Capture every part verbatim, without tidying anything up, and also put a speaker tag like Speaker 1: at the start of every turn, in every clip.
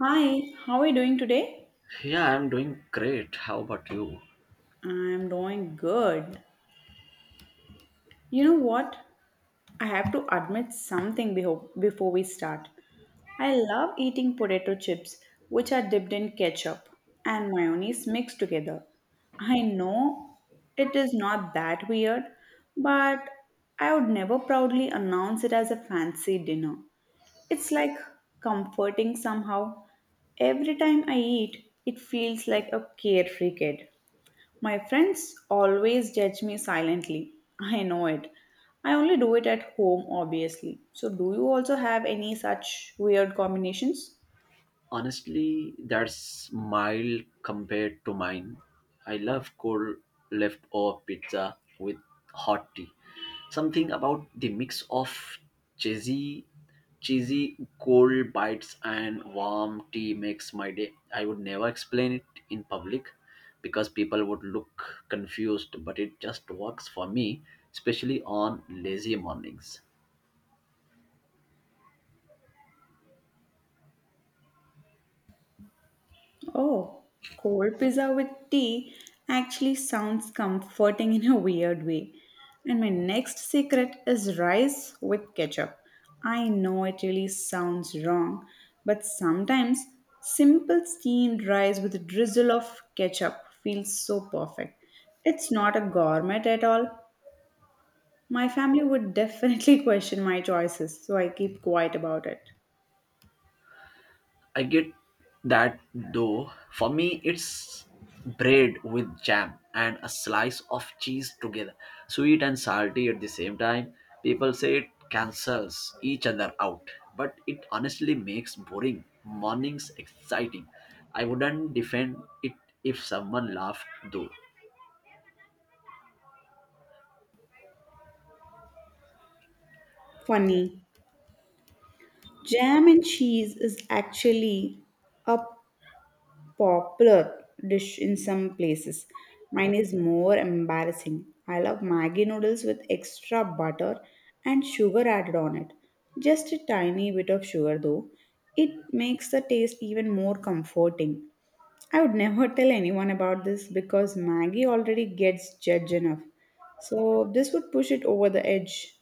Speaker 1: Hi, how are you doing today?
Speaker 2: Yeah, I'm doing great. How about you?
Speaker 1: I'm doing good. You know what? I have to admit something beho- before we start. I love eating potato chips, which are dipped in ketchup and mayonnaise mixed together. I know it is not that weird, but I would never proudly announce it as a fancy dinner. It's like comforting somehow. Every time I eat, it feels like a carefree kid. My friends always judge me silently. I know it. I only do it at home, obviously. So, do you also have any such weird combinations?
Speaker 2: Honestly, that's mild compared to mine. I love cold leftover pizza with hot tea. Something about the mix of cheesy, cheesy cold bites and warm tea makes my day. I would never explain it in public because people would look confused, but it just works for me, especially on lazy mornings.
Speaker 1: Oh, cold pizza with tea actually sounds comforting in a weird way. And my next secret is rice with ketchup. I know it really sounds wrong, but sometimes simple steamed rice with a drizzle of ketchup feels so perfect. It's not a gourmet at all. My family would definitely question my choices, so I keep quiet about it.
Speaker 2: I get that though. For me, it's bread with jam and a slice of cheese together, sweet and salty at the same time. People say it cancels each other out, but it honestly makes boring mornings exciting. I wouldn't defend it if someone laughed though.
Speaker 1: Funny. Jam and cheese is actually a popular dish in some places. Mine is more embarrassing. I love Maggi noodles with extra butter and sugar added on it. Just a tiny bit of sugar though. It makes the taste even more comforting. I would never tell anyone about this because Maggi already gets judged enough. So this would push it over the edge.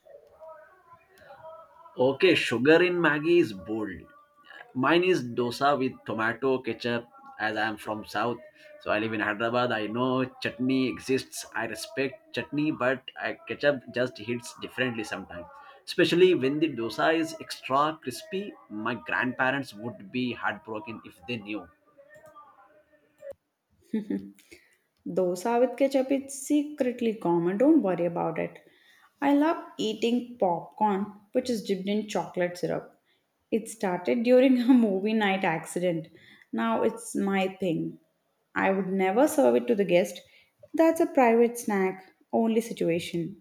Speaker 2: Okay, sugar in Maggie is bold. Mine is dosa with tomato, ketchup, as I am from South. So I live in Hyderabad. I know chutney exists. I respect chutney, but I, ketchup just hits differently sometimes. Especially when the dosa is extra crispy, my grandparents would be heartbroken if they knew.
Speaker 1: Dosa with ketchup is secretly common, don't worry about it. I love eating popcorn, which is dipped in chocolate syrup. It started during a movie night accident. Now it's my thing. I would never serve it to the guest. That's a private snack, only situation.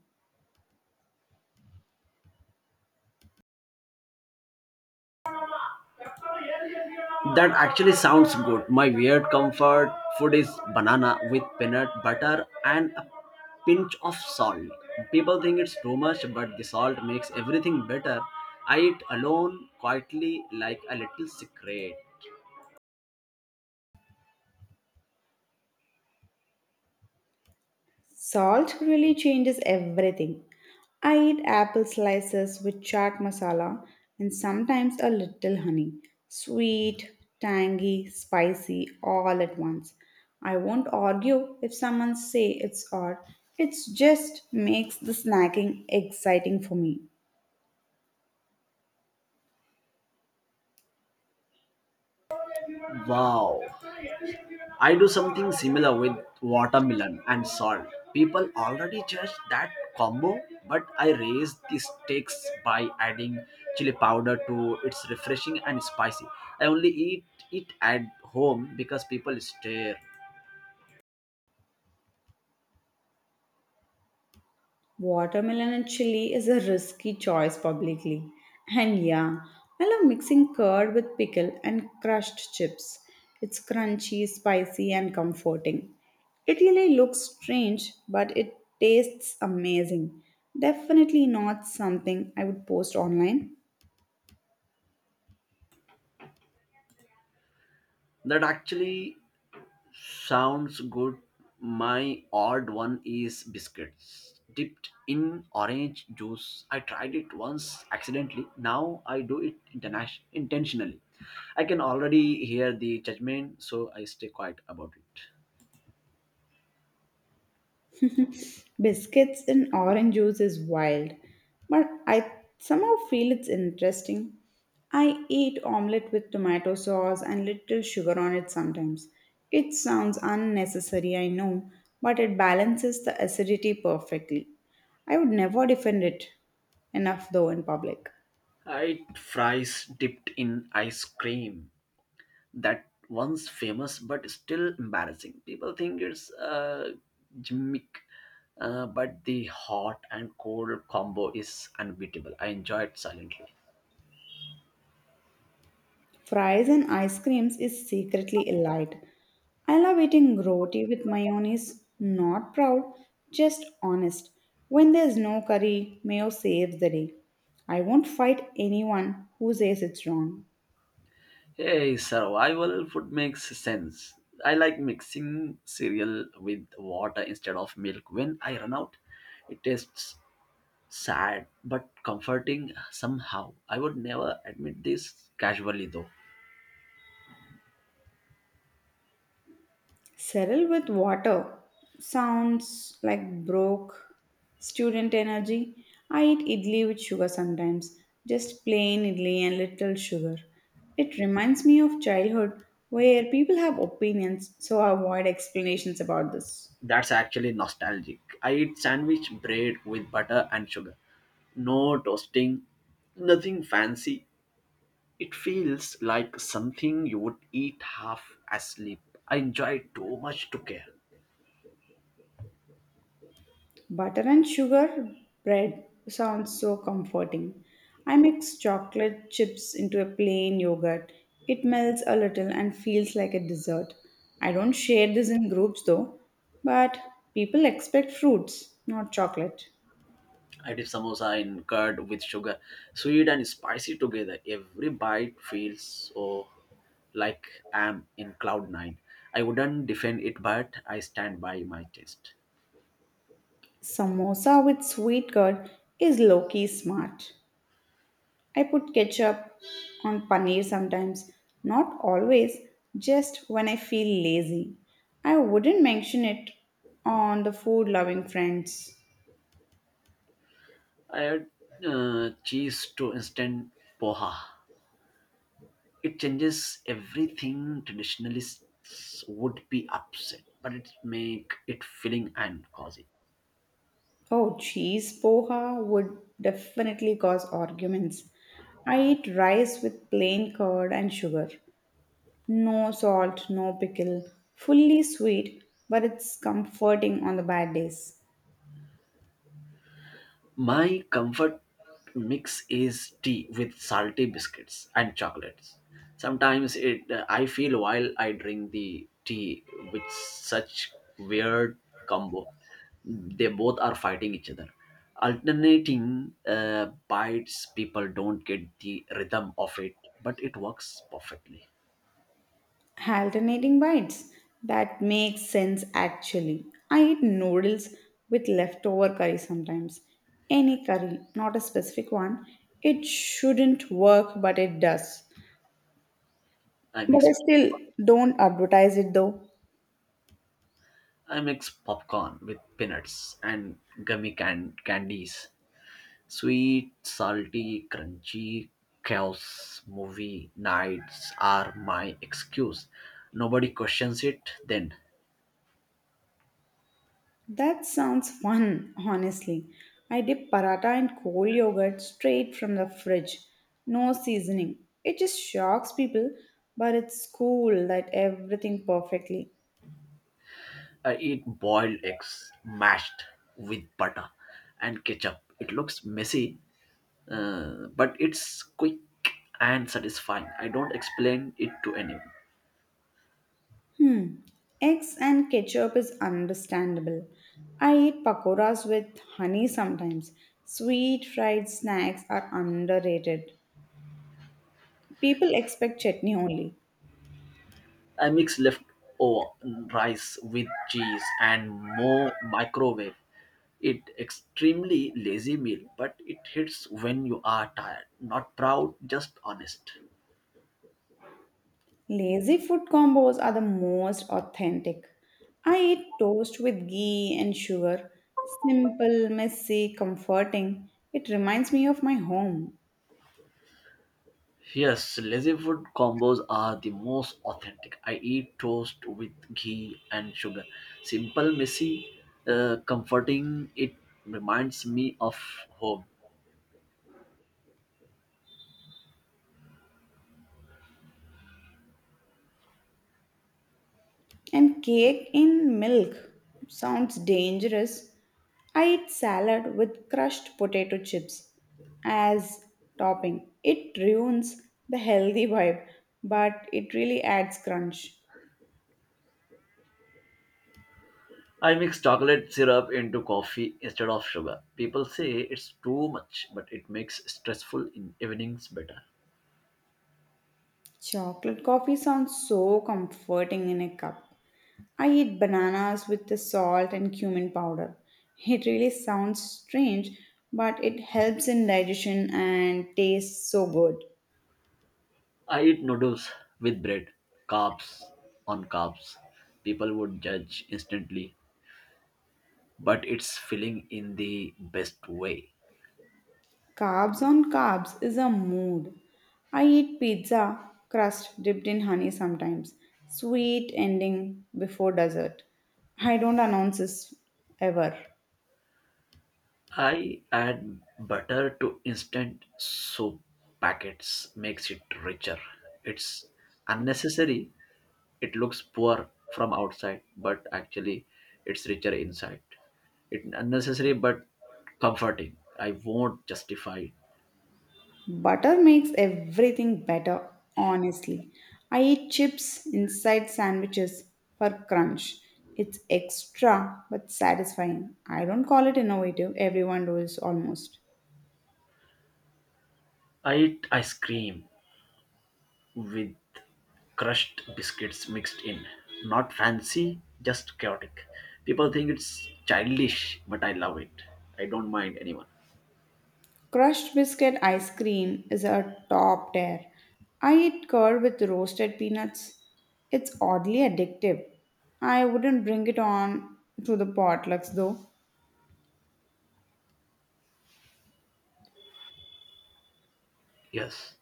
Speaker 2: That actually sounds good. My weird comfort food is banana with peanut butter and a pinch of salt. People think it's too much, but the salt makes everything better. I eat alone quietly like a little secret.
Speaker 1: Salt really changes everything. I eat apple slices with chaat masala and sometimes a little honey. Sweet, tangy, spicy all at once. I won't argue if someone say it's odd. It just makes the snacking exciting for me.
Speaker 2: Wow. I do something similar with watermelon and salt. People already judge that combo, but I raise the stakes by adding chili powder to it's refreshing and spicy. I only eat it at home because people stare.
Speaker 1: Watermelon and chili is a risky choice publicly. And yeah, I love mixing curd with pickle and crushed chips. It's crunchy, spicy, and comforting. It really looks strange, but it tastes amazing. Definitely not something I would post online.
Speaker 2: That actually sounds good. My odd one is biscuits dipped in orange juice. I tried it once accidentally. Now I do it internation- intentionally. I can already hear the judgment, so I stay quiet about it.
Speaker 1: Biscuits and orange juice is wild, but I somehow feel it's interesting. I eat omelette with tomato sauce and little sugar on it sometimes. It sounds unnecessary, I know, but it balances the acidity perfectly. I would never defend it enough though in public.
Speaker 2: I eat fries dipped in ice cream. That once famous but still embarrassing. People think it's a gimmick, uh, but the hot and cold combo is unbeatable. I enjoy it silently.
Speaker 1: Fries and ice creams is secretly a light. I love eating roti with mayonnaise. Not proud, just honest. When there's no curry, mayo saves the day. I won't fight anyone who says it's wrong.
Speaker 2: Hey, survival food makes sense. I like mixing cereal with water instead of milk when I run out. It tastes sad but comforting somehow. I would never admit this casually though.
Speaker 1: Settle with water sounds like broke student energy. I eat idli with sugar sometimes, just plain idli and little sugar. It reminds me of childhood where people have opinions, so I avoid explanations about this.
Speaker 2: That's actually nostalgic. I eat sandwich bread with butter and sugar. No toasting, nothing fancy. It feels like something you would eat half asleep. I enjoy it too much to care.
Speaker 1: Butter and sugar bread sounds so comforting. I mix chocolate chips into a plain yogurt. It melts a little and feels like a dessert. I don't share this in groups though, but people expect fruits, not chocolate.
Speaker 2: I did samosa in curd with sugar, sweet and spicy together. Every bite feels so like I'm in cloud nine. I wouldn't defend it, but I stand by my taste.
Speaker 1: Samosa with sweet curd is low key smart. I put ketchup on paneer sometimes, not always, just when I feel lazy. I wouldn't mention it on the food loving friends.
Speaker 2: I had uh, cheese to instant poha. It changes everything traditionalists would be upset, but it make it filling and cozy.
Speaker 1: Oh, cheese poha would definitely cause arguments. I eat rice with plain curd and sugar. No salt, no pickle. Fully sweet, but it's comforting on the bad days.
Speaker 2: My comfort mix is tea with salty biscuits and chocolates. Sometimes it I feel while I drink the tea with such weird combo. They both are fighting each other. Alternating uh, bites, people don't get the rhythm of it, but it works perfectly.
Speaker 1: Alternating bites. That makes sense actually. I eat noodles with leftover curry sometimes. Any curry, not a specific one. It shouldn't work, but it does.
Speaker 2: I
Speaker 1: But I
Speaker 2: mix
Speaker 1: still don't advertise it though.
Speaker 2: I mix popcorn with peanuts and gummy can- candies. Sweet, salty, crunchy chaos movie nights are my excuse. Nobody questions it then.
Speaker 1: That sounds fun, honestly. I dip paratha in cold yogurt straight from the fridge. No seasoning. It just shocks people, but it's cool that everything perfectly.
Speaker 2: I eat boiled eggs mashed with butter and ketchup. It looks messy, uh, but it's quick and satisfying. I don't explain it to anyone.
Speaker 1: Hmm. Eggs and ketchup is understandable. I eat pakoras with honey sometimes. Sweet fried snacks are underrated. People expect chutney only.
Speaker 2: I mix leftover rice with cheese and more, microwave it. Extremely lazy meal, but it hits when you are tired. Not proud, just honest.
Speaker 1: Lazy food combos are the most authentic. I eat toast with ghee and sugar. Simple, messy, comforting. It reminds me of my home.
Speaker 2: Yes, lazy food combos are the most authentic. I eat toast with ghee and sugar. Simple, messy, uh, comforting. It reminds me of home.
Speaker 1: And cake in milk sounds dangerous. I eat salad with crushed potato chips as topping. It ruins the healthy vibe, but it really adds crunch.
Speaker 2: I mix chocolate syrup into coffee instead of sugar. People say it's too much, but it makes stressful in evenings better.
Speaker 1: Chocolate coffee sounds so comforting in a cup. I eat bananas with the salt and cumin powder. It really sounds strange, but it helps in digestion and tastes so good.
Speaker 2: I eat noodles with bread, carbs on carbs. People would judge instantly, but it's filling in the best way.
Speaker 1: Carbs on carbs is a mood. I eat pizza crust dipped in honey sometimes. Sweet ending before dessert. I don't announce this ever.
Speaker 2: I add butter to instant soup packets, makes it richer. It's unnecessary, it looks poor from outside, but actually it's richer inside. It's unnecessary but comforting. I won't justify it.
Speaker 1: Butter makes everything better, honestly. I eat chips inside sandwiches for crunch. It's extra but satisfying. I don't call it innovative, everyone does almost.
Speaker 2: I eat ice cream with crushed biscuits mixed in. Not fancy, just chaotic. People think it's childish, but I love it. I don't mind anyone.
Speaker 1: Crushed biscuit ice cream is a top tier. I eat curd with roasted peanuts. It's oddly addictive. I wouldn't bring it on to the potlucks though.
Speaker 2: Yes.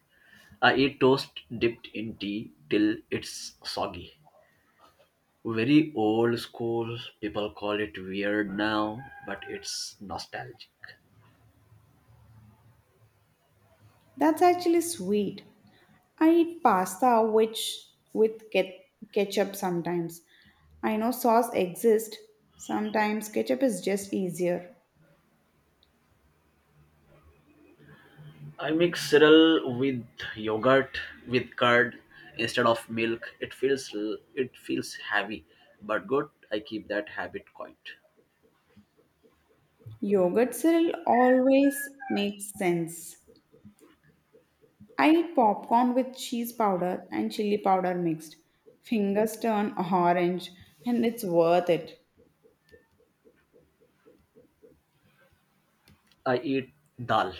Speaker 2: I eat toast dipped in tea till it's soggy. Very old school, people call it weird now, but it's nostalgic.
Speaker 1: That's actually sweet. I eat pasta which with ke- ketchup sometimes. I know sauce exists. Sometimes ketchup is just easier.
Speaker 2: I mix cereal with yogurt with curd instead of milk. It feels it feels heavy, but good. I keep that habit going.
Speaker 1: Yogurt cereal always makes sense. I eat popcorn with cheese powder and chili powder mixed. Fingers turn orange and it's worth it.
Speaker 2: I eat dal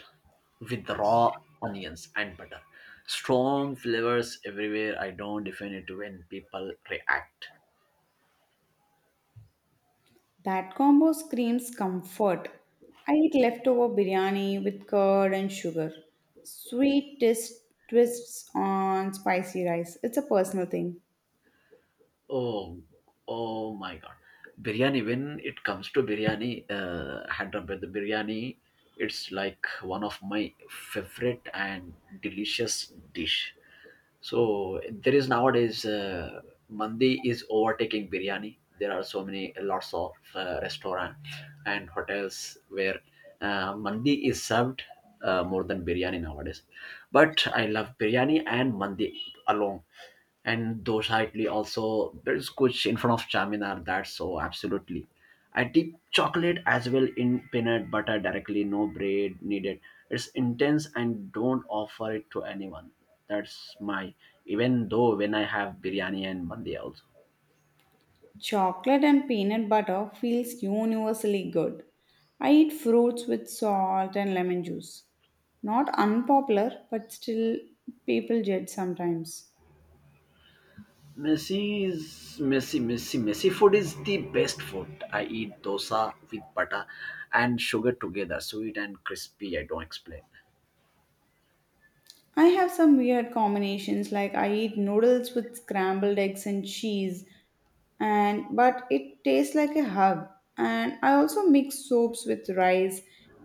Speaker 2: with raw onions and butter. Strong flavors everywhere. I don't defend it when people react.
Speaker 1: That combo screams comfort. I eat leftover biryani with curd and sugar. Sweet twist, twists on spicy rice. It's a personal thing.
Speaker 2: Oh, oh my God. Biryani, when it comes to biryani, uh, Hyderabad, the biryani, it's like one of my favorite and delicious dish. So there is nowadays, uh, mandi is overtaking biryani. There are so many lots of uh, restaurant and hotels where uh, mandi is served uh, more than biryani nowadays. But I love biryani and mandi alone and dosa, Italy also. There's kuch in front of Charminar. That's so absolutely. I dip chocolate as well in peanut butter directly. No bread needed. It's intense and don't offer it to anyone. That's my. Even though when I have biryani and mandi also.
Speaker 1: Chocolate and peanut butter feels universally good. I eat fruits with salt and lemon juice. Not unpopular, but still people judge sometimes.
Speaker 2: Messi's messy, messy, messy food is the best food. I eat dosa with butter and sugar together, sweet and crispy. I don't explain.
Speaker 1: I have some weird combinations like I eat noodles with scrambled eggs and cheese and but it tastes like a hug and I also mix soups with rice.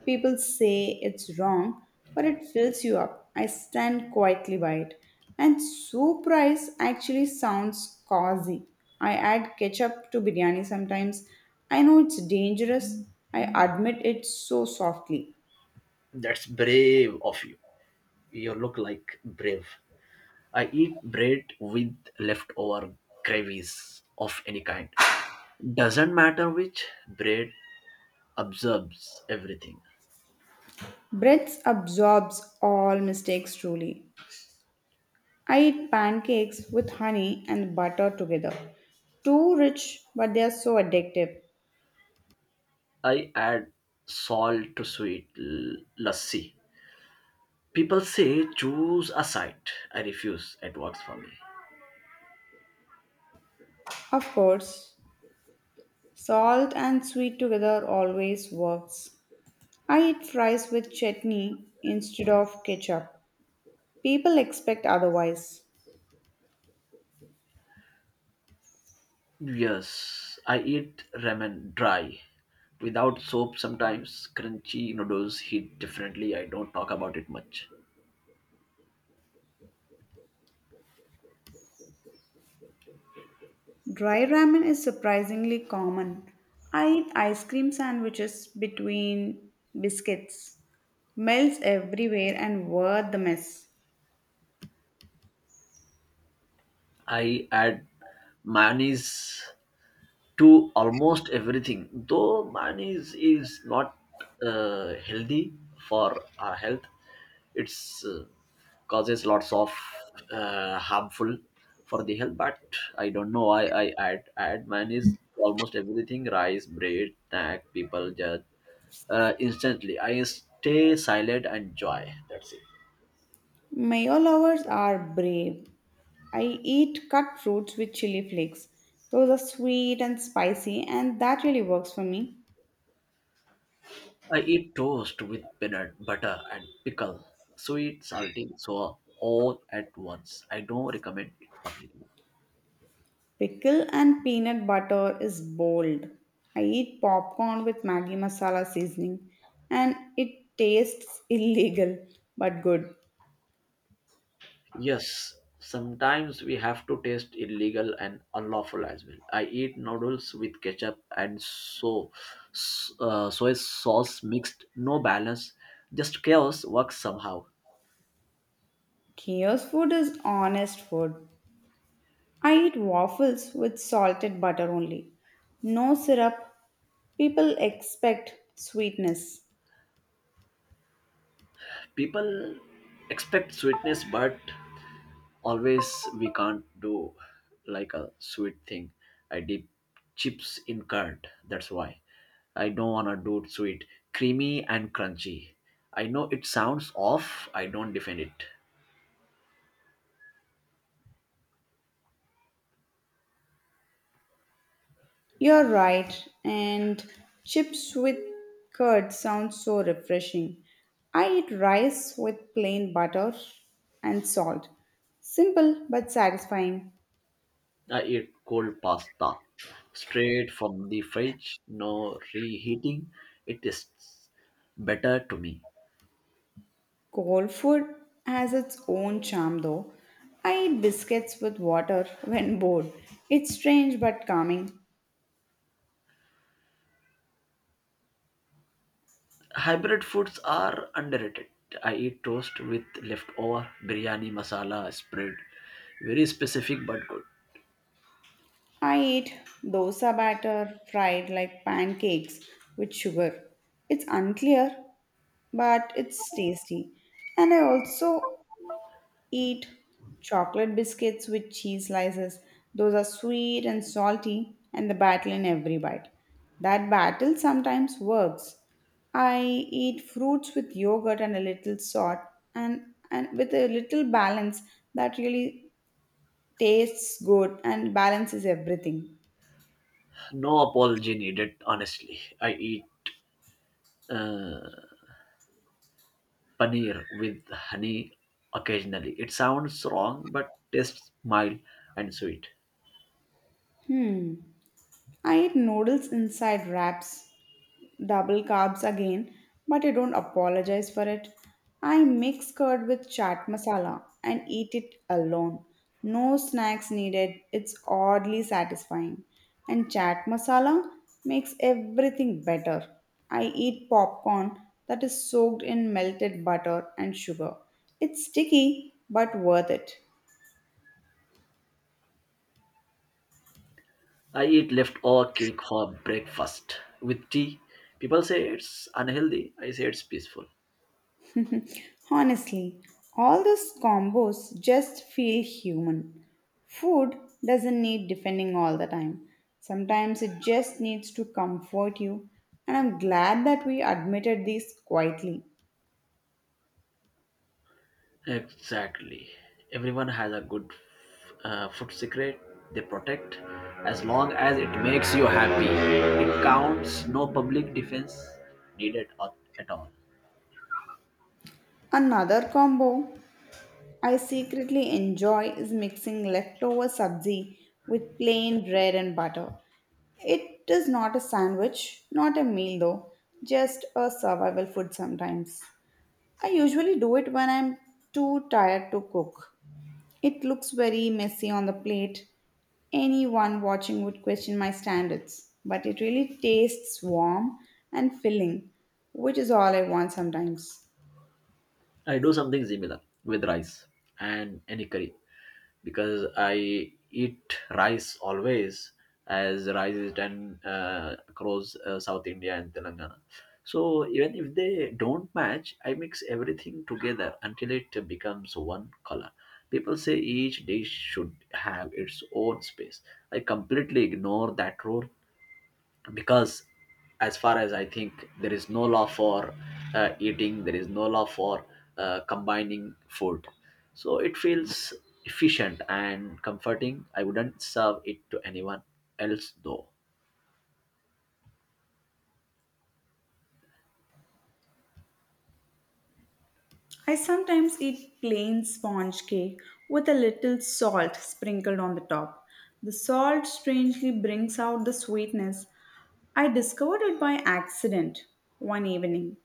Speaker 1: People say it's wrong, but it fills you up. I stand quietly by it. And soup rice actually sounds cozy. I add ketchup to biryani sometimes. I know it's dangerous. I admit it so softly.
Speaker 2: That's brave of you. You look like brave. I eat bread with leftover gravies of any kind. Doesn't matter which, bread absorbs everything.
Speaker 1: Breath absorbs all mistakes truly. I eat pancakes with honey and butter together. Too rich, but they are so addictive.
Speaker 2: I add salt to sweet l- lassi. People say choose a side. I refuse. It works for me.
Speaker 1: Of course, salt and sweet together always works. I eat fries with chutney instead of ketchup. People expect otherwise.
Speaker 2: Yes, I eat ramen dry without soap sometimes. Crunchy noodles hit differently. I don't talk about it much.
Speaker 1: Dry ramen is surprisingly common. I eat ice cream sandwiches between biscuits. Melts everywhere and worth the mess.
Speaker 2: I add mayonnaise to almost everything though mine is is not uh, healthy for our health. It's uh, causes lots of uh, harmful for the health, but i don't know i i add add mine is almost everything, rice, bread, snack. People judge uh, instantly. I stay silent and joy. That's it.
Speaker 1: Mayo lovers are brave. I eat cut fruits with chili flakes. Those are sweet and spicy, and that really works for me.
Speaker 2: I eat toast with peanut butter and pickle, sweet, salty, sour, all at once. I don't recommend it publicly.
Speaker 1: Pickle and peanut butter is bold. I eat popcorn with Maggi masala seasoning, and it tastes illegal but good.
Speaker 2: Yes, sometimes we have to taste illegal and unlawful as well. I eat noodles with ketchup and so s- uh, soy sauce mixed, no balance, just chaos works somehow.
Speaker 1: Chaos food is honest food. I eat waffles with salted butter only. No syrup. People expect sweetness.
Speaker 2: People expect sweetness, but always we can't do like a sweet thing. I dip chips in curd. That's why I don't want to do it sweet. Creamy and crunchy. I know it sounds off. I don't defend it.
Speaker 1: You're right, and chips with curd sounds so refreshing. I eat rice with plain butter and salt. Simple but satisfying.
Speaker 2: I eat cold pasta straight from the fridge, no reheating. It tastes better to me.
Speaker 1: Cold food has its own charm though. I eat biscuits with water when bored. It's strange but calming.
Speaker 2: Hybrid foods are underrated. I eat toast with leftover biryani masala spread. Very specific but good.
Speaker 1: I eat dosa batter fried like pancakes with sugar. It's unclear but it's tasty. And I also eat chocolate biscuits with cheese slices. Those are sweet and salty, and the battle in every bite. That battle sometimes works. I eat fruits with yogurt and a little salt, and, and with a little balance that really tastes good and balances everything.
Speaker 2: No apology needed, honestly. I eat uh, paneer with honey occasionally. It sounds wrong, but tastes mild and sweet.
Speaker 1: Hmm. I eat noodles inside wraps. Double carbs again, but I don't apologize for it. I mix curd with chaat masala and eat it alone. No snacks needed. It's oddly satisfying. And chaat masala makes everything better. I eat popcorn that is soaked in melted butter and sugar. It's sticky but worth it.
Speaker 2: I eat leftover cake for breakfast with tea. People say it's unhealthy. I say it's peaceful.
Speaker 1: Honestly, all those combos just feel human. Food doesn't need defending all the time. Sometimes it just needs to comfort you, and I'm glad that we admitted this quietly.
Speaker 2: Exactly. Everyone has a good uh, food secret they protect as long as it makes you happy. It counts, no public defense needed at at all.
Speaker 1: Another combo I secretly enjoy is mixing leftover sabzi with plain bread and butter. It is not a sandwich, not a meal though, just a survival food sometimes. I usually do it when I'm too tired to cook. It looks very messy on the plate. Anyone watching would question my standards, but it really tastes warm and filling, which is all I want sometimes.
Speaker 2: I do something similar with rice and any curry because I eat rice always as rice is done uh, across uh, South India and Telangana. So even if they don't match, I mix everything together until it becomes one color. People say each dish should have its own space. I completely ignore that rule because as far as I think there is no law for uh, eating, there is no law for uh, combining food. So it feels efficient and comforting. I wouldn't serve it to anyone else though.
Speaker 1: I sometimes eat plain sponge cake with a little salt sprinkled on the top. The salt strangely brings out the sweetness. I discovered it by accident one evening.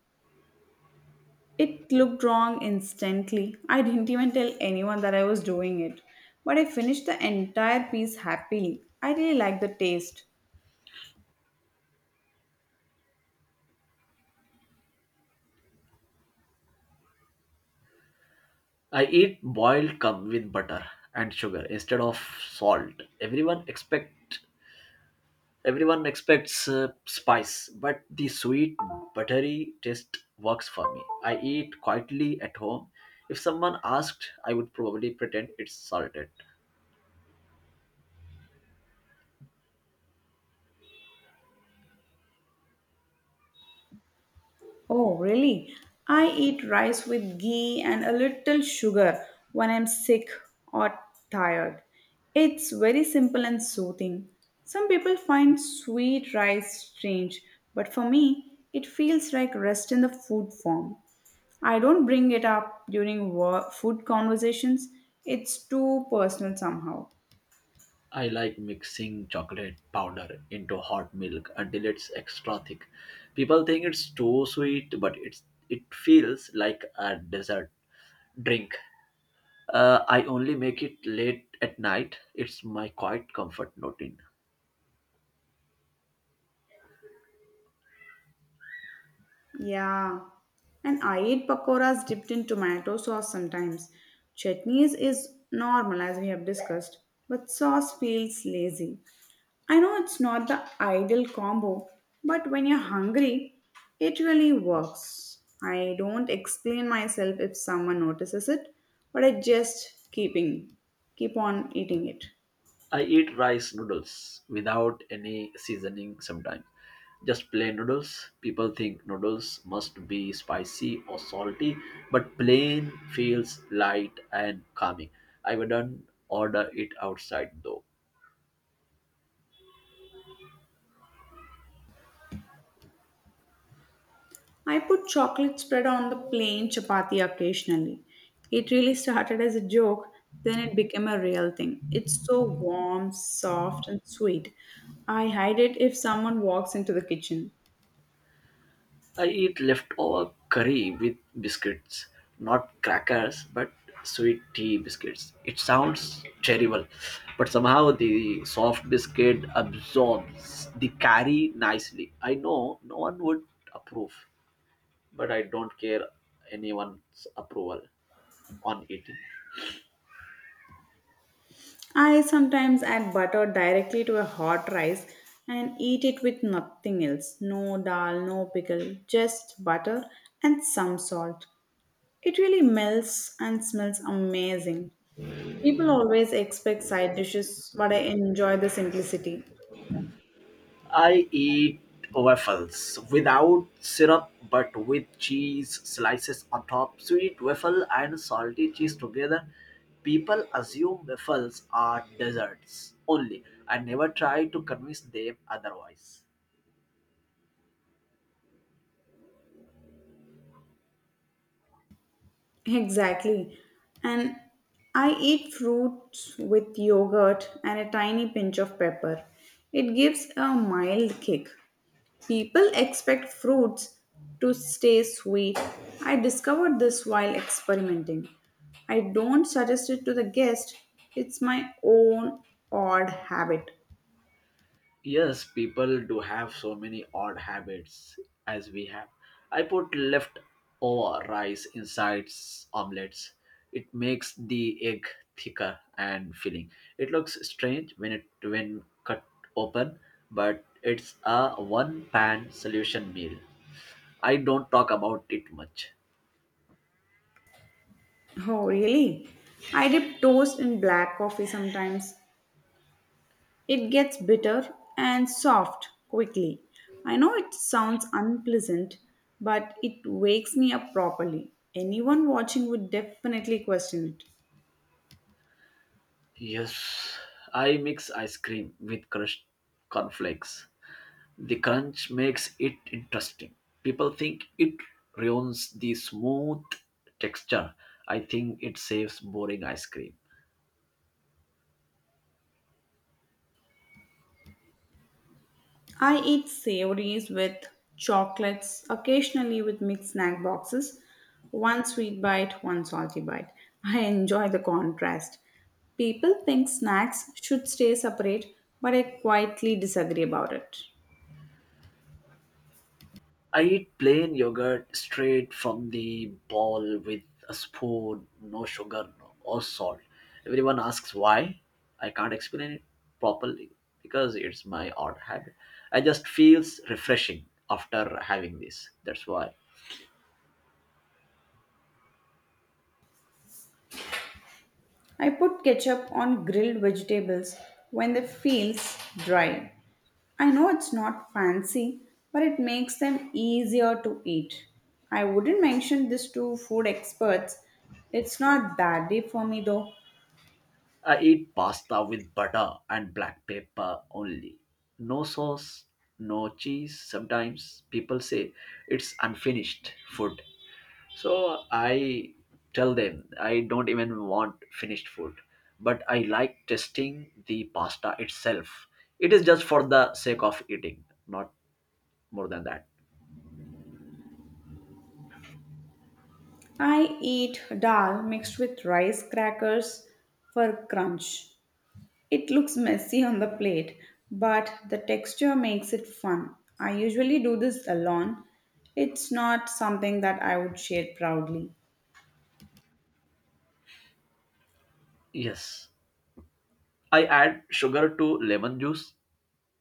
Speaker 1: It looked wrong instantly. I didn't even tell anyone that I was doing it. But I finished the entire piece happily. I really liked the taste.
Speaker 2: I eat boiled cum with butter and sugar instead of salt. Everyone expect Everyone expects uh, spice, but the sweet, buttery taste works for me. I eat quietly at home. If someone asked, I would probably pretend it's salted.
Speaker 1: Oh, really? I eat rice with ghee and a little sugar when I'm sick or tired. It's very simple and soothing. Some people find sweet rice strange, but for me, it feels like rest in the food form. I don't bring it up during wo- food conversations, it's too personal somehow.
Speaker 2: I like mixing chocolate powder into hot milk until it's extra thick. People think it's too sweet, but it's it feels like a dessert drink. Uh, I only make it late at night. It's my quiet comfort routine.
Speaker 1: Yeah, and I eat pakoras dipped in tomato sauce sometimes. Chutneys is normal as we have discussed, but sauce feels lazy. I know it's not the ideal combo, but when you're hungry, it really works. I don't explain myself if someone notices it, but I just keeping keep on eating it.
Speaker 2: I eat rice noodles without any seasoning sometimes. Just plain noodles. People think noodles must be spicy or salty, but plain feels light and calming. I wouldn't order it outside though.
Speaker 1: I put chocolate spread on the plain chapati occasionally. It really started as a joke, then it became a real thing. It's so warm, soft, and sweet. I hide it if someone walks into the kitchen.
Speaker 2: I eat leftover curry with biscuits, not crackers, but sweet tea biscuits. It sounds terrible, but somehow the soft biscuit absorbs the curry nicely. I know no one would approve, but I don't care anyone's approval on eating.
Speaker 1: I sometimes add butter directly to a hot rice and eat it with nothing else no dal, no pickle, just butter and some salt. It really melts and smells amazing. People always expect side dishes, but I enjoy the simplicity.
Speaker 2: I eat waffles without syrup but with cheese slices on top. Sweet waffle and salty cheese together. People assume waffles are desserts only. I never try to convince them otherwise.
Speaker 1: Exactly. And I eat fruits with yogurt and a tiny pinch of pepper. It gives a mild kick. People expect fruits to stay sweet. I discovered this while experimenting. I don't suggest it to the guest. It's my own odd habit.
Speaker 2: Yes, people do have so many odd habits as we have. I put leftover rice inside s- omelets. It makes the egg thicker and filling. It looks strange when it when cut open, but it's a one-pan solution meal. I don't talk about it much.
Speaker 1: Oh, really? I dip toast in black coffee sometimes. It gets bitter and soft quickly. I know it sounds unpleasant, but it wakes me up properly. Anyone watching would definitely question it.
Speaker 2: Yes, I mix ice cream with crushed cornflakes. The crunch makes it interesting. People think it ruins the smooth texture. I think it saves boring ice cream.
Speaker 1: I eat savories with chocolates, occasionally with mixed snack boxes. One sweet bite, one salty bite. I enjoy the contrast. People think snacks should stay separate, but I quietly disagree about it.
Speaker 2: I eat plain yogurt straight from the bowl with a spoon, no sugar no, or salt. Everyone asks why. I can't explain it properly because it's my odd habit. I just feels refreshing after having this. That's why.
Speaker 1: I put ketchup on grilled vegetables when they feel dry. I know it's not fancy, but it makes them easier to eat. I wouldn't mention this to food experts. It's not that deep for me though.
Speaker 2: I eat pasta with butter and black pepper only. No sauce, no cheese. Sometimes people say it's unfinished food. So I tell them I don't even want finished food, but I like testing the pasta itself. It is just for the sake of eating, not more than that.
Speaker 1: I eat dal mixed with rice crackers for crunch. It looks messy on the plate, but the texture makes it fun. I usually do this alone. It's not something that I would share proudly.
Speaker 2: Yes, I add sugar to lemon juice,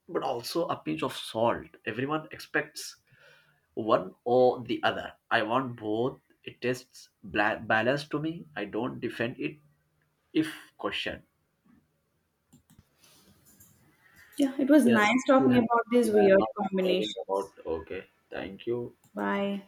Speaker 2: but also a pinch of salt. Everyone expects one or the other. I want both. It tests bla- balance to me. I don't defend it if questioned.
Speaker 1: Yeah, it was
Speaker 2: Yes,
Speaker 1: nice
Speaker 2: we
Speaker 1: talking
Speaker 2: have.
Speaker 1: about these
Speaker 2: We are
Speaker 1: weird
Speaker 2: not caring about.
Speaker 1: combinations.
Speaker 2: Okay, thank you.
Speaker 1: Bye.